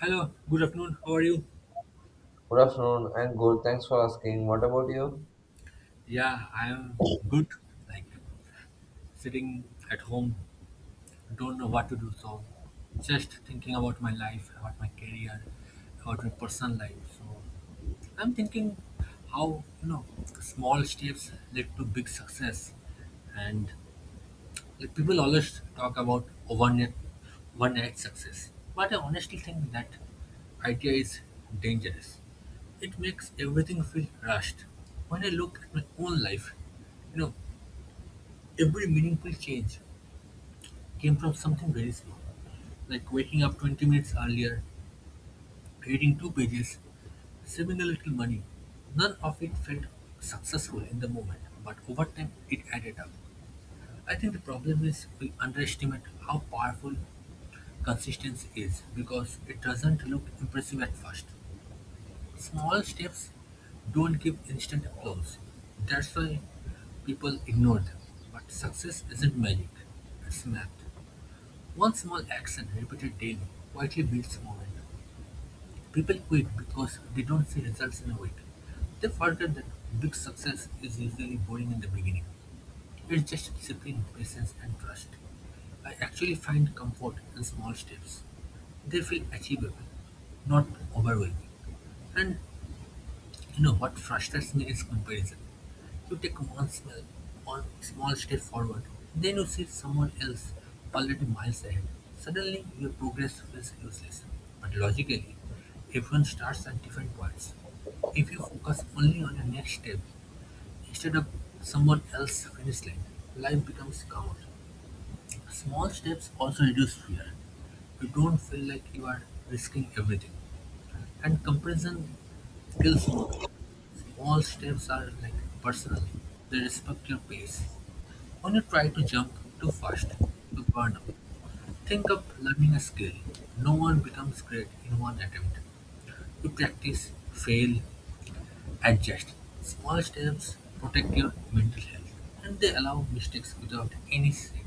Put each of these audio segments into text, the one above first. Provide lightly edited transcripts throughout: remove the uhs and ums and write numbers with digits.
Hello, good afternoon. How are you? Good afternoon. I'm good. Thanks for asking. What about you? Yeah, I am good. Like sitting at home, don't know what to do. So, just thinking about my life, about my career, about my personal life. So, I'm thinking how small steps led to big success, and like people always talk about overnight success, but I honestly think that idea is dangerous. It makes everything feel rushed. When I look at my own life, you know, every meaningful change came from something very small, like waking up 20 minutes earlier, reading two pages, saving a little money. None of it felt successful in the moment, but over time it added up. I think the problem is we underestimate how powerful consistency is because it doesn't look impressive at first. Small steps don't give instant applause. That's why people ignore them. But success isn't magic, it's math. One small action repeated daily quietly builds momentum. People quit because they don't see results in a week. They forget that big success is usually boring in the beginning. It's just discipline, patience, and trust. I actually find comfort in small steps. They feel achievable, not overwhelming. And you know what frustrates me is comparison. You take one small step forward, then you see someone else already miles ahead. Suddenly, your progress feels useless. But logically, everyone starts at different points. If you focus only on your next step instead of someone else's finish line, life becomes calmer. Small steps also reduce fear, you don't feel like you are risking everything. And comparison kills movement. Small steps are like personal, they respect your pace. When you try to jump too fast, you burn out. Think of learning a skill. No one becomes great in one attempt. You practice, fail, adjust. Small steps protect your mental health and they allow mistakes without any shame.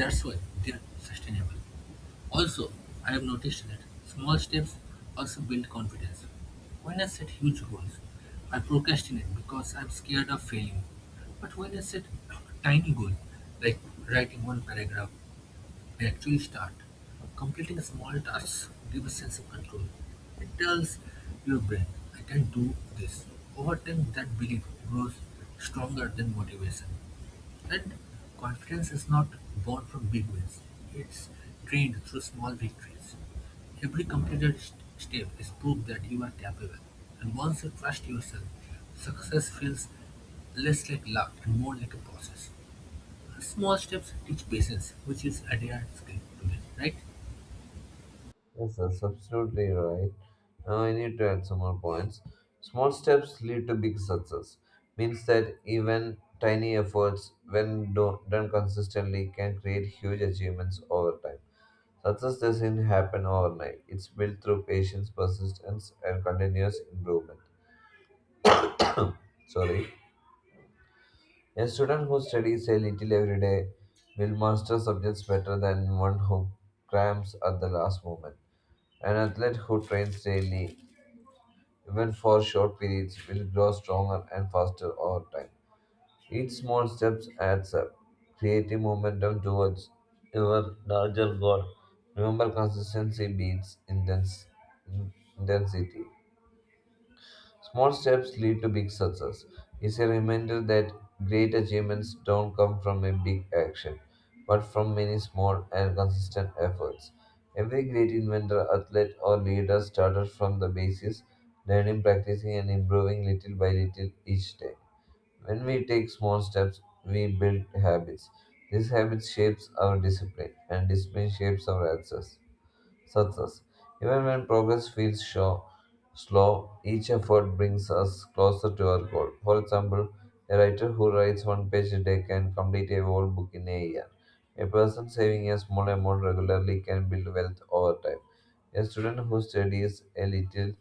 That's why they are sustainable. Also, I have noticed that small steps also build confidence. When I set huge goals, I procrastinate because I'm scared of failing. But when I set a tiny goal, like writing one paragraph, they actually start. Completing small tasks give a sense of control. It tells your brain, I can do this. Over time, that belief grows stronger than motivation. And confidence is not born from big wins, it's trained through small victories. Every completed step is proof that you are capable. And once you trust yourself, success feels less like luck and more like a process. Small steps teach patience, which is a rare skill to, right? Yes, that's absolutely right. Now I need to add some more points. Small steps lead to big success. Means that even tiny efforts, when done consistently, can create huge achievements over time. Success doesn't happen overnight. It's built through patience, persistence, and continuous improvement. Sorry. A student who studies a little every day will master subjects better than one who cramps at the last moment. An athlete who trains daily, even for short periods, will grow stronger and faster over time. Each small step adds up, creating momentum towards your larger goal. Remember, consistency beats intensity. Small steps lead to big success. It's a reminder that great achievements don't come from a big action, but from many small and consistent efforts. Every great inventor, athlete, or leader started from the basis, learning, practicing, and improving little by little each day. When we take small steps, we build habits. These habits shapes our discipline, and discipline shapes our answers success. Even when progress feels slow, each effort brings us closer to our goal. For example, a writer who writes one page a day can complete a whole book in a year. A person saving a small amount regularly can build wealth over time. A student who studies a little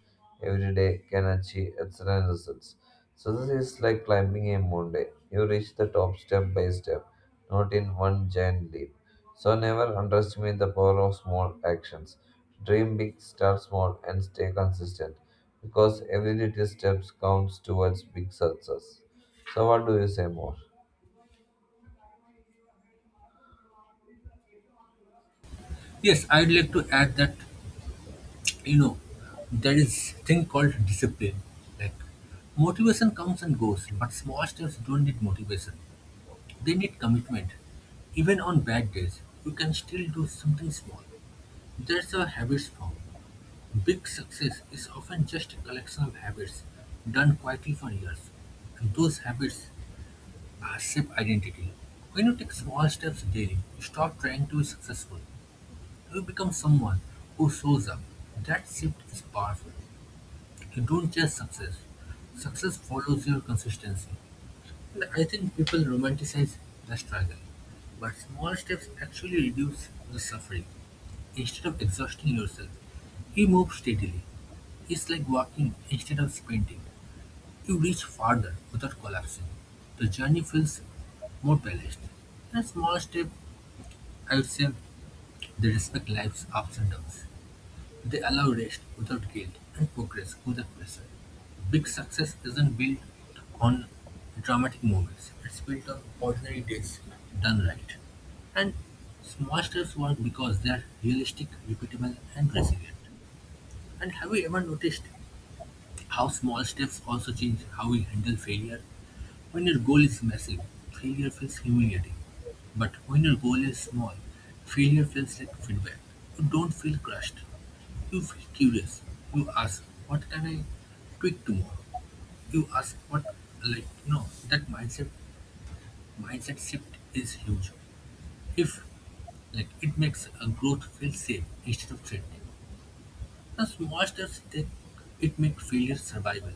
every day can achieve excellent results. Success is like climbing a mountain. You reach the top step by step, not in one giant leap. So never underestimate the power of small actions. Dream big, start small, and stay consistent because every little step counts towards big success. So, what do you say more? Yes, I'd like to add that you know there is thing called discipline. Like motivation comes and goes, but small steps don't need motivation. They need commitment. Even on bad days, you can still do something small. That's how habits form. Big success is often just a collection of habits done quietly for years. And those habits passive identity. When you take small steps daily, you stop trying to be successful. You become someone who shows up. That shift is powerful. You don't chase success. Success follows your consistency. And I think people romanticize the struggle. But small steps actually reduce the suffering. Instead of exhausting yourself, you move steadily. It's like walking instead of sprinting. You reach farther without collapsing. The journey feels more balanced. And small step, I would say they respect life's ups and downs. They allow rest without guilt and progress without pressure. Big success isn't built on dramatic moments. It's built on ordinary days done right. And small steps work because they're realistic, repeatable, and resilient. And have you ever noticed how small steps also change how we handle failure? When your goal is massive, failure feels humiliating. But when your goal is small, failure feels like feedback. You don't feel crushed. You feel curious. You ask, what can I tweak tomorrow? You ask what, like, no, that mindset shift is huge. If, like, it makes a growth feel safe instead of threatening. The small steps take it, make failure survival.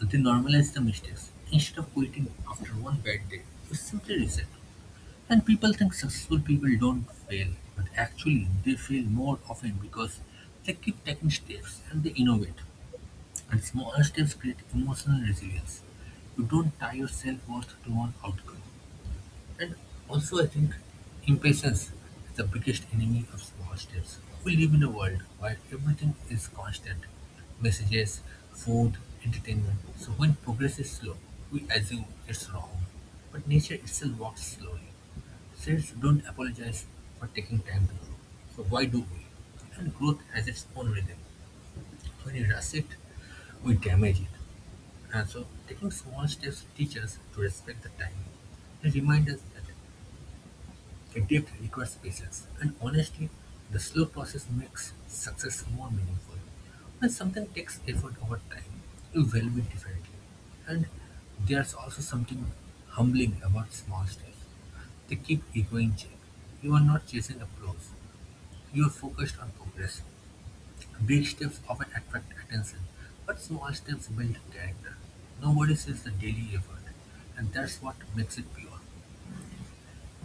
They normalize the mistakes. Instead of quitting after one bad day, you simply reset. And people think successful people don't fail, but actually they fail more often because they keep taking steps and they innovate. And small steps create emotional resilience. You don't tie your self worth to one outcome. And also I think impatience is the biggest enemy of small steps. We live in a world where everything is constant. Messages, food, entertainment. So when progress is slow, we assume it's wrong. But nature itself walks slowly. Sales don't apologize for taking time to grow. So why do we? And growth has its own rhythm. When you rush it, we damage it. And so taking small steps teach us to respect the time. They remind us that the depth requires patience, and honestly, the slow process makes success more meaningful. When something takes effort over time, you value it differently. And there's also something humbling about small steps. They keep ego in check. You are not chasing applause. You are focused on progress. Big steps often attract attention, but small steps build character. Nobody sees the daily effort, and that's what makes it pure.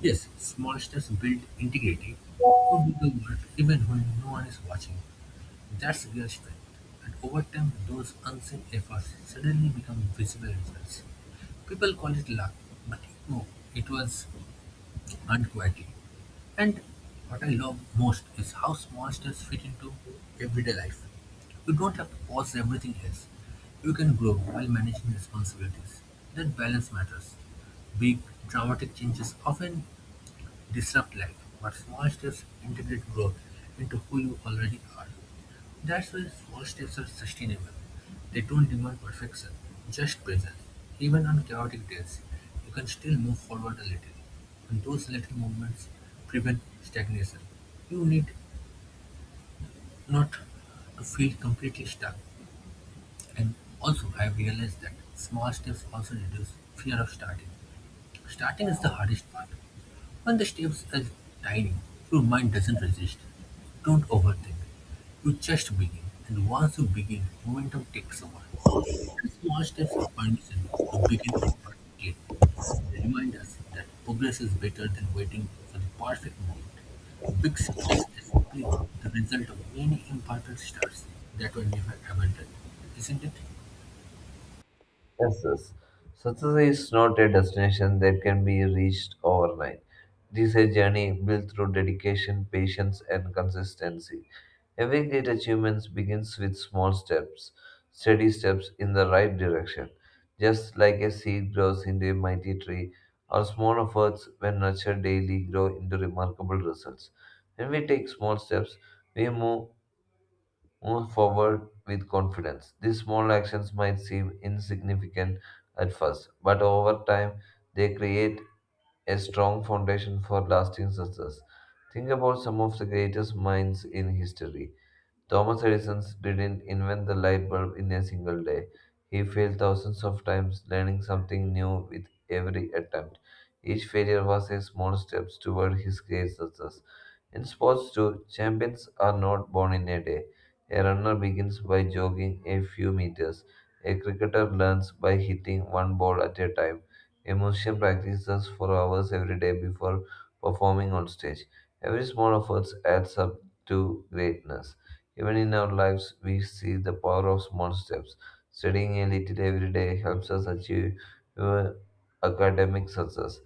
Yes, monsters build integrity to do the work even when no one is watching. That's real strength. And over time, those unseen efforts suddenly become visible results. People call it luck, but no, it was earned quietly. And what I love most is how monsters fit into everyday life. You don't have to pause everything else. You can grow while managing responsibilities. That balance matters. Big, dramatic changes often disrupt life, but small-steps integrate growth into who you already are. That's why small steps are sustainable. They don't demand perfection, just presence. Even on chaotic days, you can still move forward a little. And those little movements prevent stagnation. You need not to feel completely stuck. And also I've realized that small steps also reduce fear of starting. Starting is the hardest part. When the steps are tiny, your mind doesn't resist. Don't overthink. You just begin, and once you begin, momentum takes over. And small steps are permission to begin imperfectly. They remind us that progress is better than waiting for the perfect moment. Big success is split the result of many imperfect starts that were never abandoned, isn't it? Yes, yes. Success is not a destination that can be reached overnight. It is a journey built through dedication, patience, and consistency. Every great achievement begins with small steps, steady steps in the right direction. Just like a seed grows into a mighty tree, our small efforts, when nurtured daily, grow into remarkable results. When we take small steps, we move forward with confidence. These small actions might seem insignificant at first, but over time, they create a strong foundation for lasting success. Think about some of the greatest minds in history. Thomas Edison didn't invent the light bulb in a single day. He failed thousands of times, learning something new with every attempt. Each failure was a small step toward his great success. In sports, too, champions are not born in a day. A runner begins by jogging a few meters. A cricketer learns by hitting one ball at a time. A musician practices for hours every day before performing on stage. Every small effort adds up to greatness. Even in our lives, we see the power of small steps. Studying a little every day helps us achieve uh, academic success.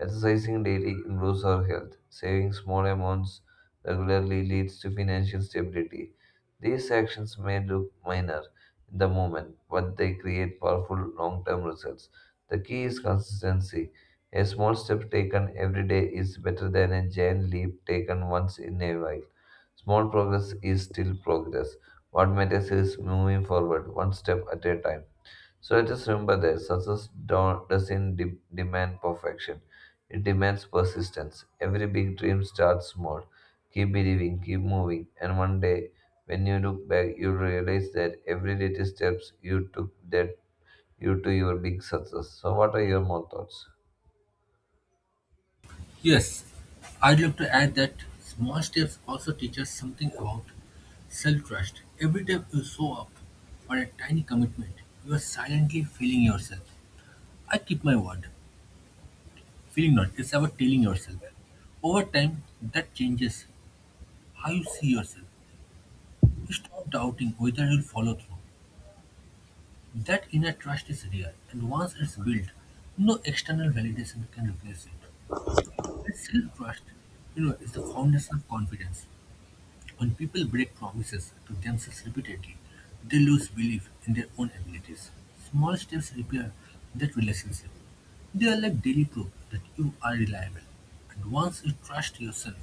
Exercising daily improves our health. Saving small amounts regularly leads to financial stability. These actions may look minor in the moment, but they create powerful long term results. The key is consistency. A small step taken every day is better than a giant leap taken once in a while. Small progress is still progress. What matters is moving forward, one step at a time. So let us remember that success don't, doesn't demand perfection, it demands persistence. Every big dream starts small. Keep believing, keep moving, and one day when you look back, you realize that every little steps you took led you to your big success. So, what are your more thoughts? Yes, I'd love to add that small steps also teach us something about self trust. Every time you show up for a tiny commitment, you are silently feeling yourself. I keep my word. Feeling not, it's about telling yourself. Over time, that changes how you see yourself. You stop doubting whether you'll follow through. That inner trust is real, and once it's built, no external validation can replace it. And self trust, is the foundation of confidence. When people break promises to themselves repeatedly, they lose belief in their own abilities. Small steps repair that relationship. They are like daily proof that you are reliable. And once you trust yourself,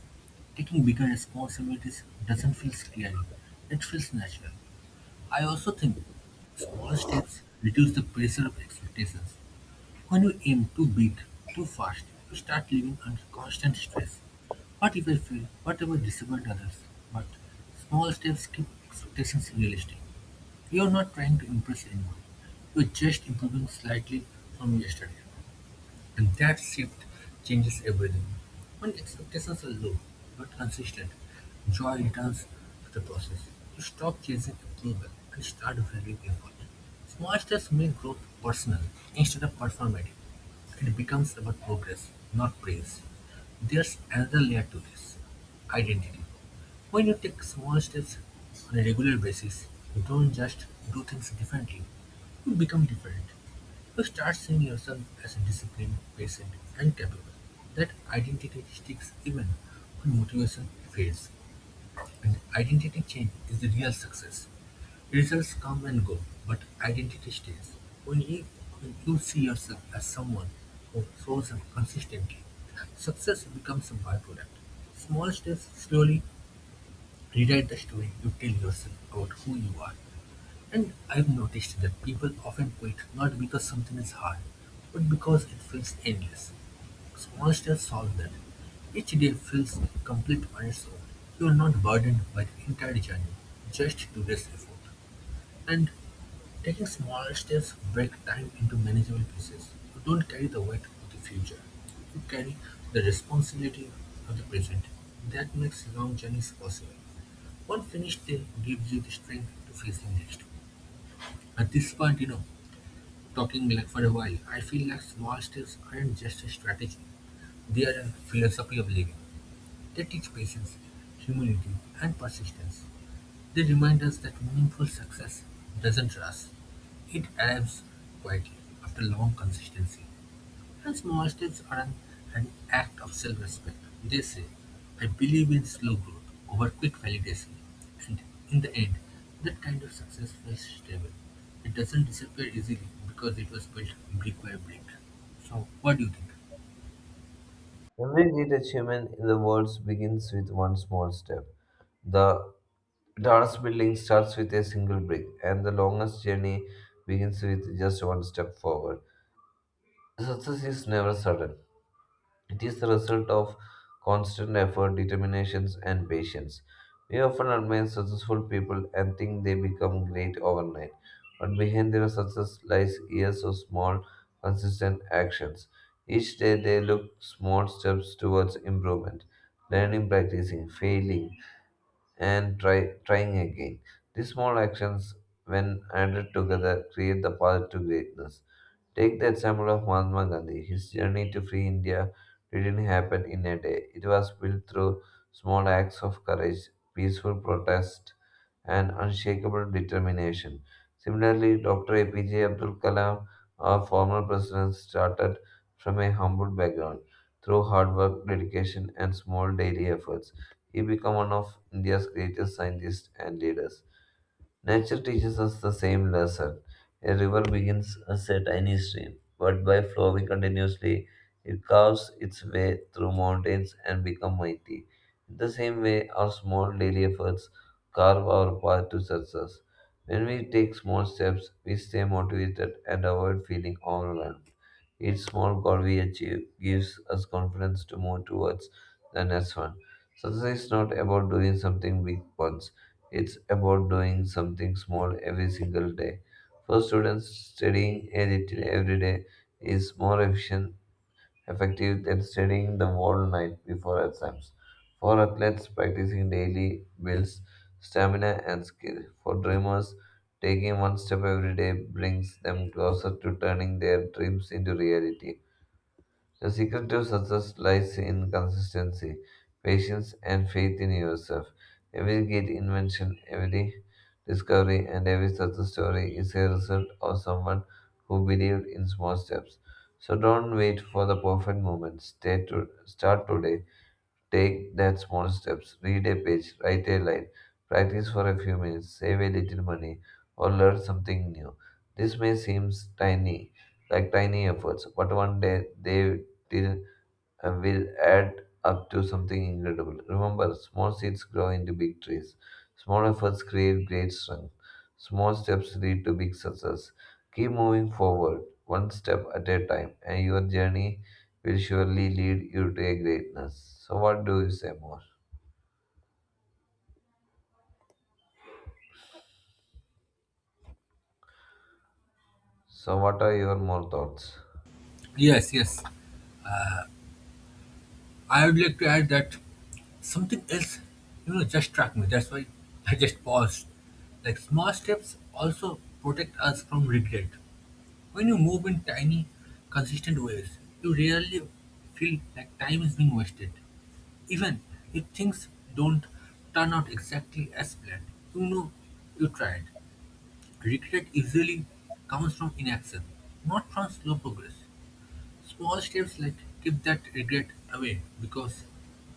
taking bigger responsibilities doesn't feel scary, it feels natural. I also think small steps reduce the pressure of expectations. When you aim too big, too fast, you start living under constant stress. What if I fail? What if I disappoint others? But small steps keep expectations realistic. You are not trying to impress anyone. You are just improving slightly from yesterday. And that shift changes everything. When expectations are low but consistent, joy returns to the process. You stop chasing approval and start valuing effort. Small steps make growth personal instead of performative. It becomes about progress, not praise. There's another layer to this identity. When you take small steps on a regular basis, you don't just do things differently, you become different. You start seeing yourself as disciplined, patient, and capable. That identity sticks even when motivation fades. And identity change is the real success. Results come and go, but identity stays. When you, when you see yourself as someone who shows up consistently, success becomes a byproduct. Small steps slowly rewrite the story you tell yourself about who you are. And I've noticed that people often quit not because something is hard, but because it feels endless. Small steps solve that. Each day feels complete on its own. You're not burdened by the entire journey, just today's effort. And taking smaller steps break time into manageable pieces. You don't carry the weight of the future. You carry the responsibility of the present. That makes long journeys possible. One finished day gives you the strength to face the next. At this point, talking like for a while, I feel like small steps aren't just a strategy. They are a philosophy of living. They teach patience, humility, and persistence. They remind us that meaningful success doesn't rush. It arrives quietly after long consistency. And small steps are an act of self respect. They say, I believe in slow growth over quick validation. And in the end, that kind of success feels stable. It doesn't disappear easily because it was built brick by brick. So, what do you think? Every great achievement in the world begins with one small step. The Dance building starts with a single brick, and the longest journey begins with just one step forward. Success is never sudden, it is the result of constant effort, determination, and patience. We often admire successful people and think they become great overnight, but behind their success lies years of small, consistent actions. Each day they look small steps towards improvement, learning, practicing, failing, and trying again. These small actions, when added together, create the path to greatness. Take the example of Mahatma Gandhi. His journey to free India didn't happen in a day. It was built through small acts of courage, peaceful protest, and unshakable determination. Similarly, Dr. APJ Abdul Kalam, our former president, started from a humble background through hard work, dedication, and small daily efforts. He became one of India's greatest scientists and leaders. Nature teaches us the same lesson. A river begins as a tiny stream, but by flowing continuously, it carves its way through mountains and becomes mighty. In the same way, our small daily efforts carve our path to success. When we take small steps, we stay motivated and avoid feeling overwhelmed. Each small goal we achieve gives us confidence to move towards the next one. Success is not about doing something big once, it's about doing something small every single day. For students, studying a little every day is more effective than studying the whole night before exams. For athletes, practicing daily builds stamina and skill. For dreamers, taking one step every day brings them closer to turning their dreams into reality. The secret to success lies in consistency, patience, and faith in yourself. Every great invention, every discovery, and every success story is a result of someone who believed in small steps. So don't wait for the perfect moment. Stay to start today. Take that small steps. Read a page, write a line, practice for a few minutes, save a little money, or learn something new. This may seem tiny, like tiny efforts, but one day they will and will add up to something incredible. Remember, small seeds grow into big trees. Small efforts create great strength. Small steps lead to big success. Keep moving forward, one step at a time, and your journey will surely lead you to a greatness. So, what do you say more? So, what are your more thoughts? Yes. I would like to add that something else, you know, just struck me. That's why I just paused. Like small steps also protect us from regret. When you move in tiny, consistent ways, you rarely feel like time is being wasted. Even if things don't turn out exactly as planned, you know you tried. Regret usually comes from inaction, not from slow progress. Small steps like keep that regret away because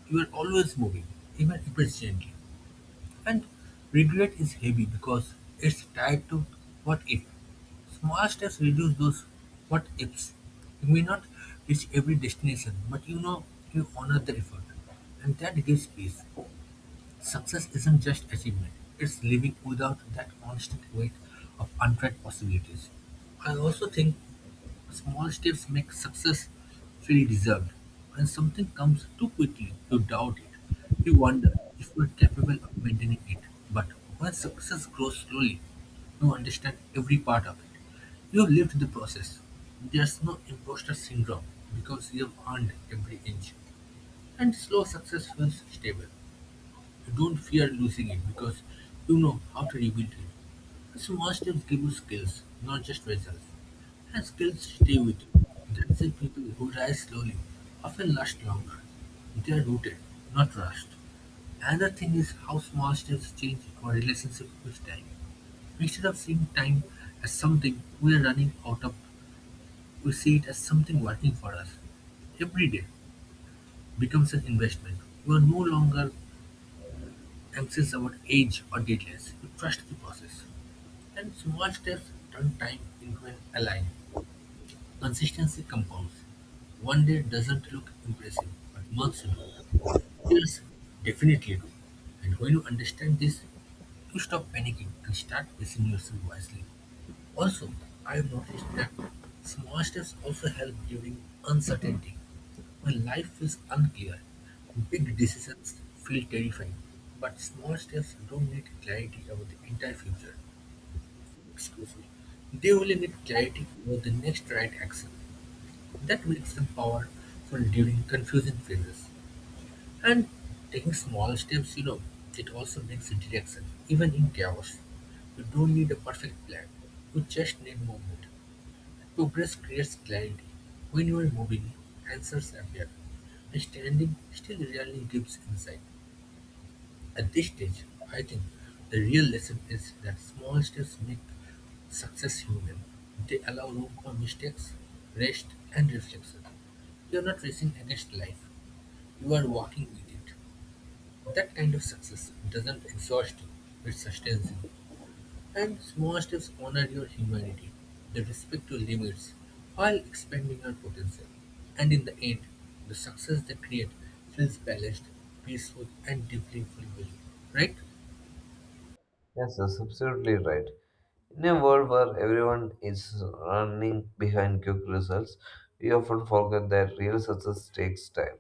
you are always moving, even if it's gently. And regret is heavy because it's tied to what if. Small steps reduce those what ifs. You may not reach every destination, but you know you honor the effort, and that gives peace. Success isn't just achievement, it's living without that constant weight of untried possibilities. I also think small steps make success feel deserved. When something comes too quickly, you doubt it. You wonder if you're capable of maintaining it. But when success grows slowly, you understand every part of it. You've lived the process. There's no imposter syndrome because you've earned every inch. And slow success feels stable. You don't fear losing it because you know how to rebuild it. Small steps give you skills, not just results. And skills stay with you. That's why people who rise slowly often last longer. They are rooted, not rushed. Another thing is how small steps change our relationship with time. Instead of seeing time as something we are running out of, we see it as something working for us. Every day becomes an investment. You are no longer anxious about age or deadlines, you trust the process. And small steps turn time into an ally. Consistency compounds. One day doesn't look impressive, but months do. Years definitely do. And when you understand this, you stop panicking and start pacing yourself wisely. Also, I've noticed that small steps also help during uncertainty. When life feels unclear, big decisions feel terrifying. But small steps don't need clarity about the entire future. Excuse me. They only need clarity about the next right action. That makes them powerful during confusing phases. And taking small steps, you know, it also makes a direction, even in chaos. You don't need a perfect plan. You just need movement. Progress creates clarity; when you are moving, answers appear; standing still rarely gives insight. At this stage, I think the real lesson is that small steps make success human. They allow room for mistakes, rest, and reflection. You are not racing against life, you are walking with it. That kind of success doesn't exhaust you, it sustains you. And small steps honor your humanity. The respect your limits while expanding your potential. And in the end, the success they create feels balanced, peaceful, and deeply fulfilling. Right? Yes, that's absolutely right. In a world where everyone is running behind quick results, we often forget that real success takes time.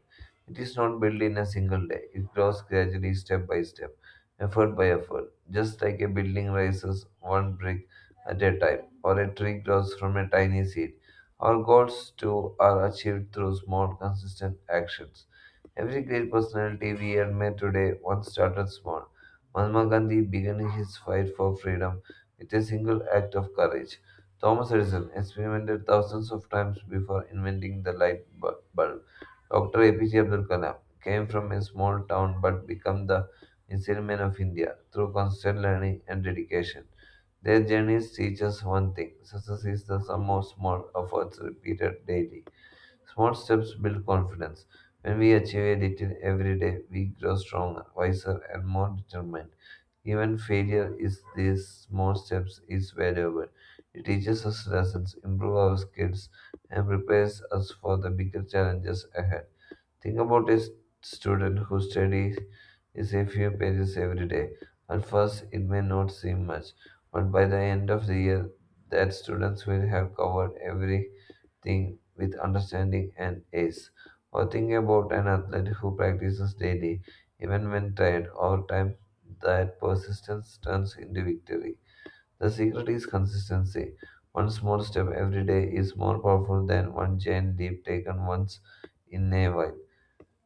It is not built in a single day, it grows gradually, step by step, effort by effort. Just like a building rises one brick at a time, or a tree grows from a tiny seed, our goals too are achieved through small, consistent actions. Every great personality we admire today once started small. Mahatma Gandhi began his fight for freedom with a single act of courage. Thomas Edison experimented thousands of times before inventing the light bulb. Dr. APJ Abdul Kalam came from a small town but became the missile man of India through constant learning and dedication. Their journeys teach us one thing success is the sum of small efforts repeated daily. Small steps build confidence. When we achieve a little every day, we grow stronger, wiser, and more determined. Even failure is these small steps is valuable. It teaches us lessons, improves our skills, and prepares us for the bigger challenges ahead. Think about a student who studies is a few pages every day. At first, it may not seem much, but by the end of the year, that students will have covered every thing with understanding and ace. Or think about an athlete who practices daily, even when tired. Over time, that persistence turns into victory. The secret is consistency. One small step every day is more powerful than one giant leap taken once in a while.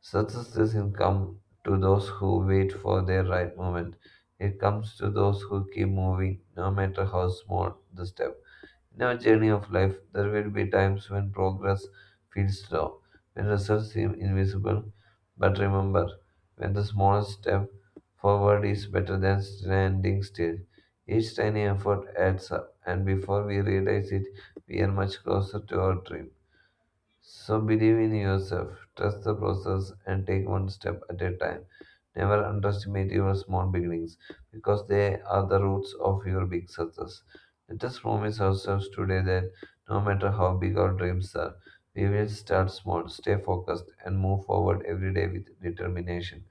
Success doesn't come to those who wait for their right moment. It comes to those who keep moving, no matter how small the step. In our journey of life, there will be times when progress feels slow, when results seem invisible. But remember, when the smallest step forward is better than standing still, each tiny effort adds up, and before we realize it, we are much closer to our dream. So believe in yourself, trust the process, and take one step at a time. Never underestimate your small beginnings because they are the roots of your big success. Let us promise ourselves today that no matter how big our dreams are, we will start small, stay focused, and move forward every day with determination.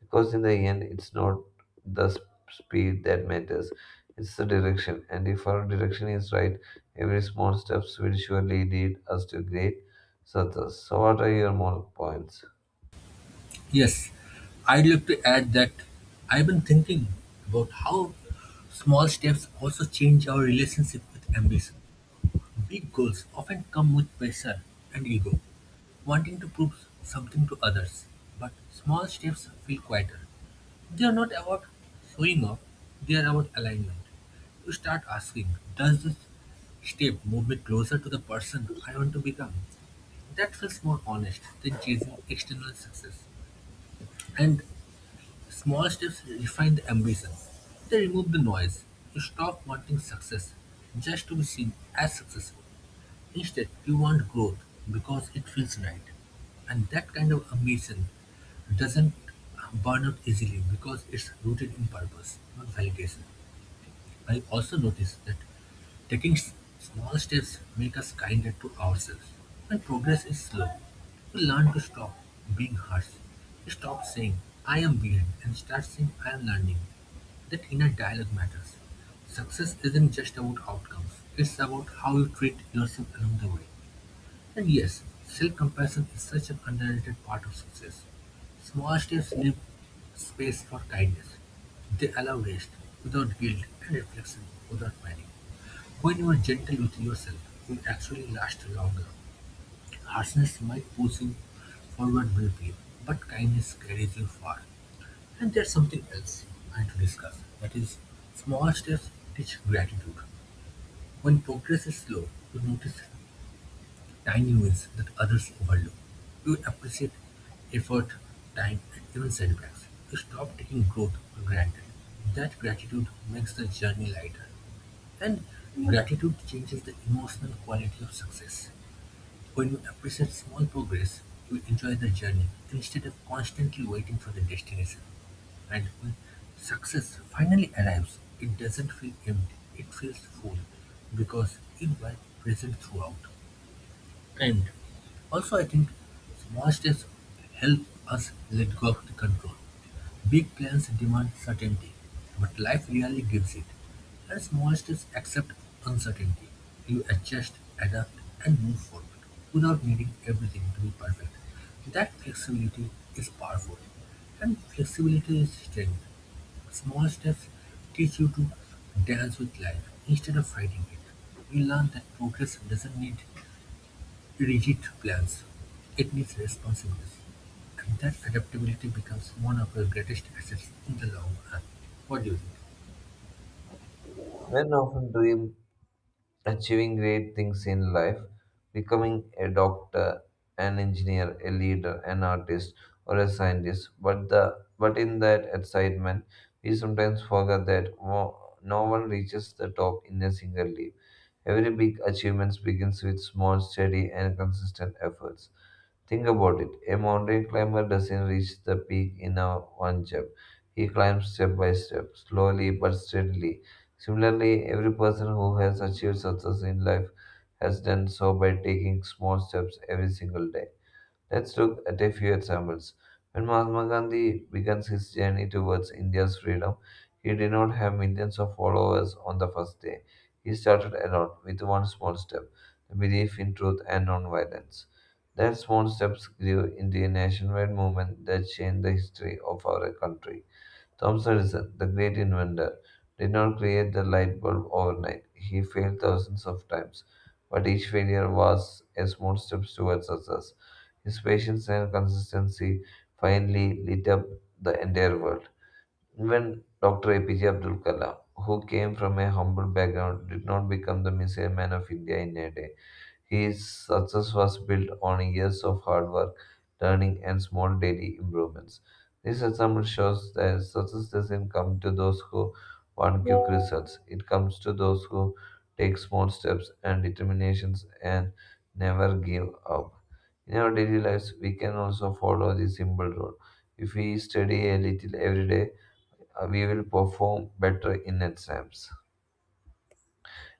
Because in the end, it's not the speed that matters, it's the direction. And if our direction is right, every small steps will surely lead us to great success. So, what are your more points? Yes. I'd like to add that I've been thinking about how small steps also change our relationship with ambition. Big goals often come with pressure and ego, wanting to prove something to others, but small steps feel quieter. They are not about showing off, they are about alignment. You start asking, does this step move me closer to the person I want to become? That feels more honest than chasing external success. And small steps refine the ambition. They remove the noise. You stop wanting success just to be seen as successful. Instead, you want growth because it feels right. And that kind of ambition doesn't burn out easily because it's rooted in purpose, not validation. I also noticed that taking s- small steps make us kinder to ourselves. When progress is slow, we learn to stop being harsh. We stop saying, I am behind, and start saying, I am learning. That inner dialogue matters. Success isn't just about outcomes, it's about how you treat yourself along the way. And yes, self-compassion is such an underrated part of success. Small steps leave space for kindness. They allow rest without guilt and reflection without panic. When you are gentle with yourself, you actually last longer. Harshness might push you forward briefly, but kindness carries you far. And there's something else I want to discuss. That is, small steps teach gratitude. When progress is slow, you notice tiny wins that others overlook. You appreciate effort, time, and even setbacks. You stop taking growth for granted. That gratitude makes the journey lighter. And gratitude changes the emotional quality of success. When you appreciate small progress, you enjoy the journey instead of constantly waiting for the destination. And when success finally arrives, it doesn't feel empty, it feels full because you were present throughout. And also, I think small steps help us let go of the control. Big plans demand certainty, but life rarely gives it. And small steps accept uncertainty. You adjust, adapt, and move forward without needing everything to be perfect. That flexibility is powerful, and flexibility is strength. Small steps teach you to dance with life instead of fighting it. You learn that progress doesn't need rigid plans, it needs responsiveness, and that adaptability becomes one of your greatest assets in the long run. What do you think? Men often dream achieving great things in life, becoming a doctor, an engineer, a leader, an artist, or a scientist. But in that excitement, we sometimes forget that no one reaches the top in a single leap. Every big achievement begins with small, steady, and consistent efforts. Think about it. A mountain climber doesn't reach the peak in a one jump. He climbs step by step, slowly but steadily. Similarly, every person who has achieved success in life has done so by taking small steps every single day. Let's look at a few examples. When Mahatma Gandhi began his journey towards India's freedom, he did not have millions of followers on the first day. He started alone with one small step the belief in truth and non-violence. That small steps grew into a nationwide movement that changed the history of our country. Thomas Edison, the great inventor, did not create the light bulb overnight. He failed thousands of times, but each failure was a small step towards success. His patience and consistency finally lit up the entire world. Even Dr. APJ Abdul Kalam, who came from a humble background, did not become the missile man of India in a day. His success was built on years of hard work, learning, and small daily improvements. This example shows that success doesn't come to those who want quick results. It comes to those who take small steps and determinations and never give up. In our daily lives, we can also follow this simple rule. If we study a little every day, we will perform better in exams.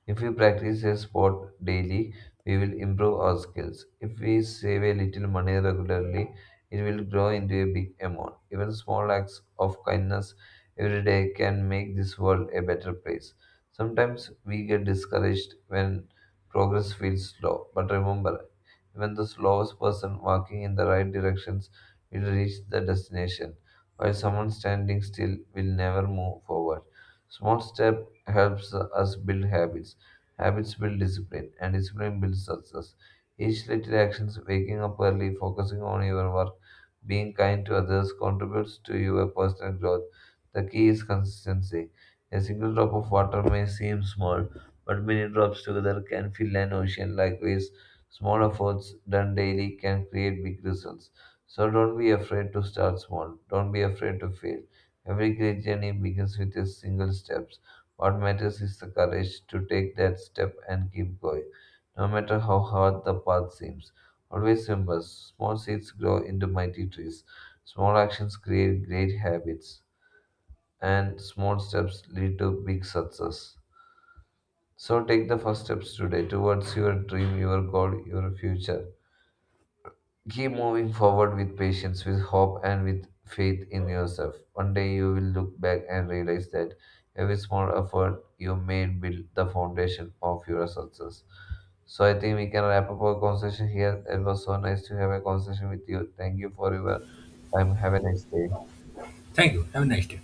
If we practice a sport daily, we will improve our skills. If we save a little money regularly, it will grow into a big amount. Even small acts of kindness every day can make this world a better place. Sometimes we get discouraged when progress feels slow, but remember, even the slowest person walking in the right directions will reach the destination, while someone standing still will never move forward. Small step helps us build habits Habits build discipline, and discipline builds success. Each little action waking up early, focusing on your work, being kind to others, contributes to your personal growth. The key is consistency. A single drop of water may seem small, but many drops together can fill an ocean. Likewise, small efforts done daily can create big results. So don't be afraid to start small. Don't be afraid to fail. Every great journey begins with a single step. What matters is the courage to take that step and keep going, no matter how hard the path seems. Always remember small seeds grow into mighty trees, small actions create great habits, and small steps lead to big success. So take the first steps today towards your dream, your goal, your future. Keep moving forward with patience, with hope, and with faith in yourself. One day you will look back and realize that every small effort you made built the foundation of your success. So I think we can wrap up our conversation here. It was so nice to have a conversation with you. Thank you for your time. Have a nice day. Thank you. Have a nice day.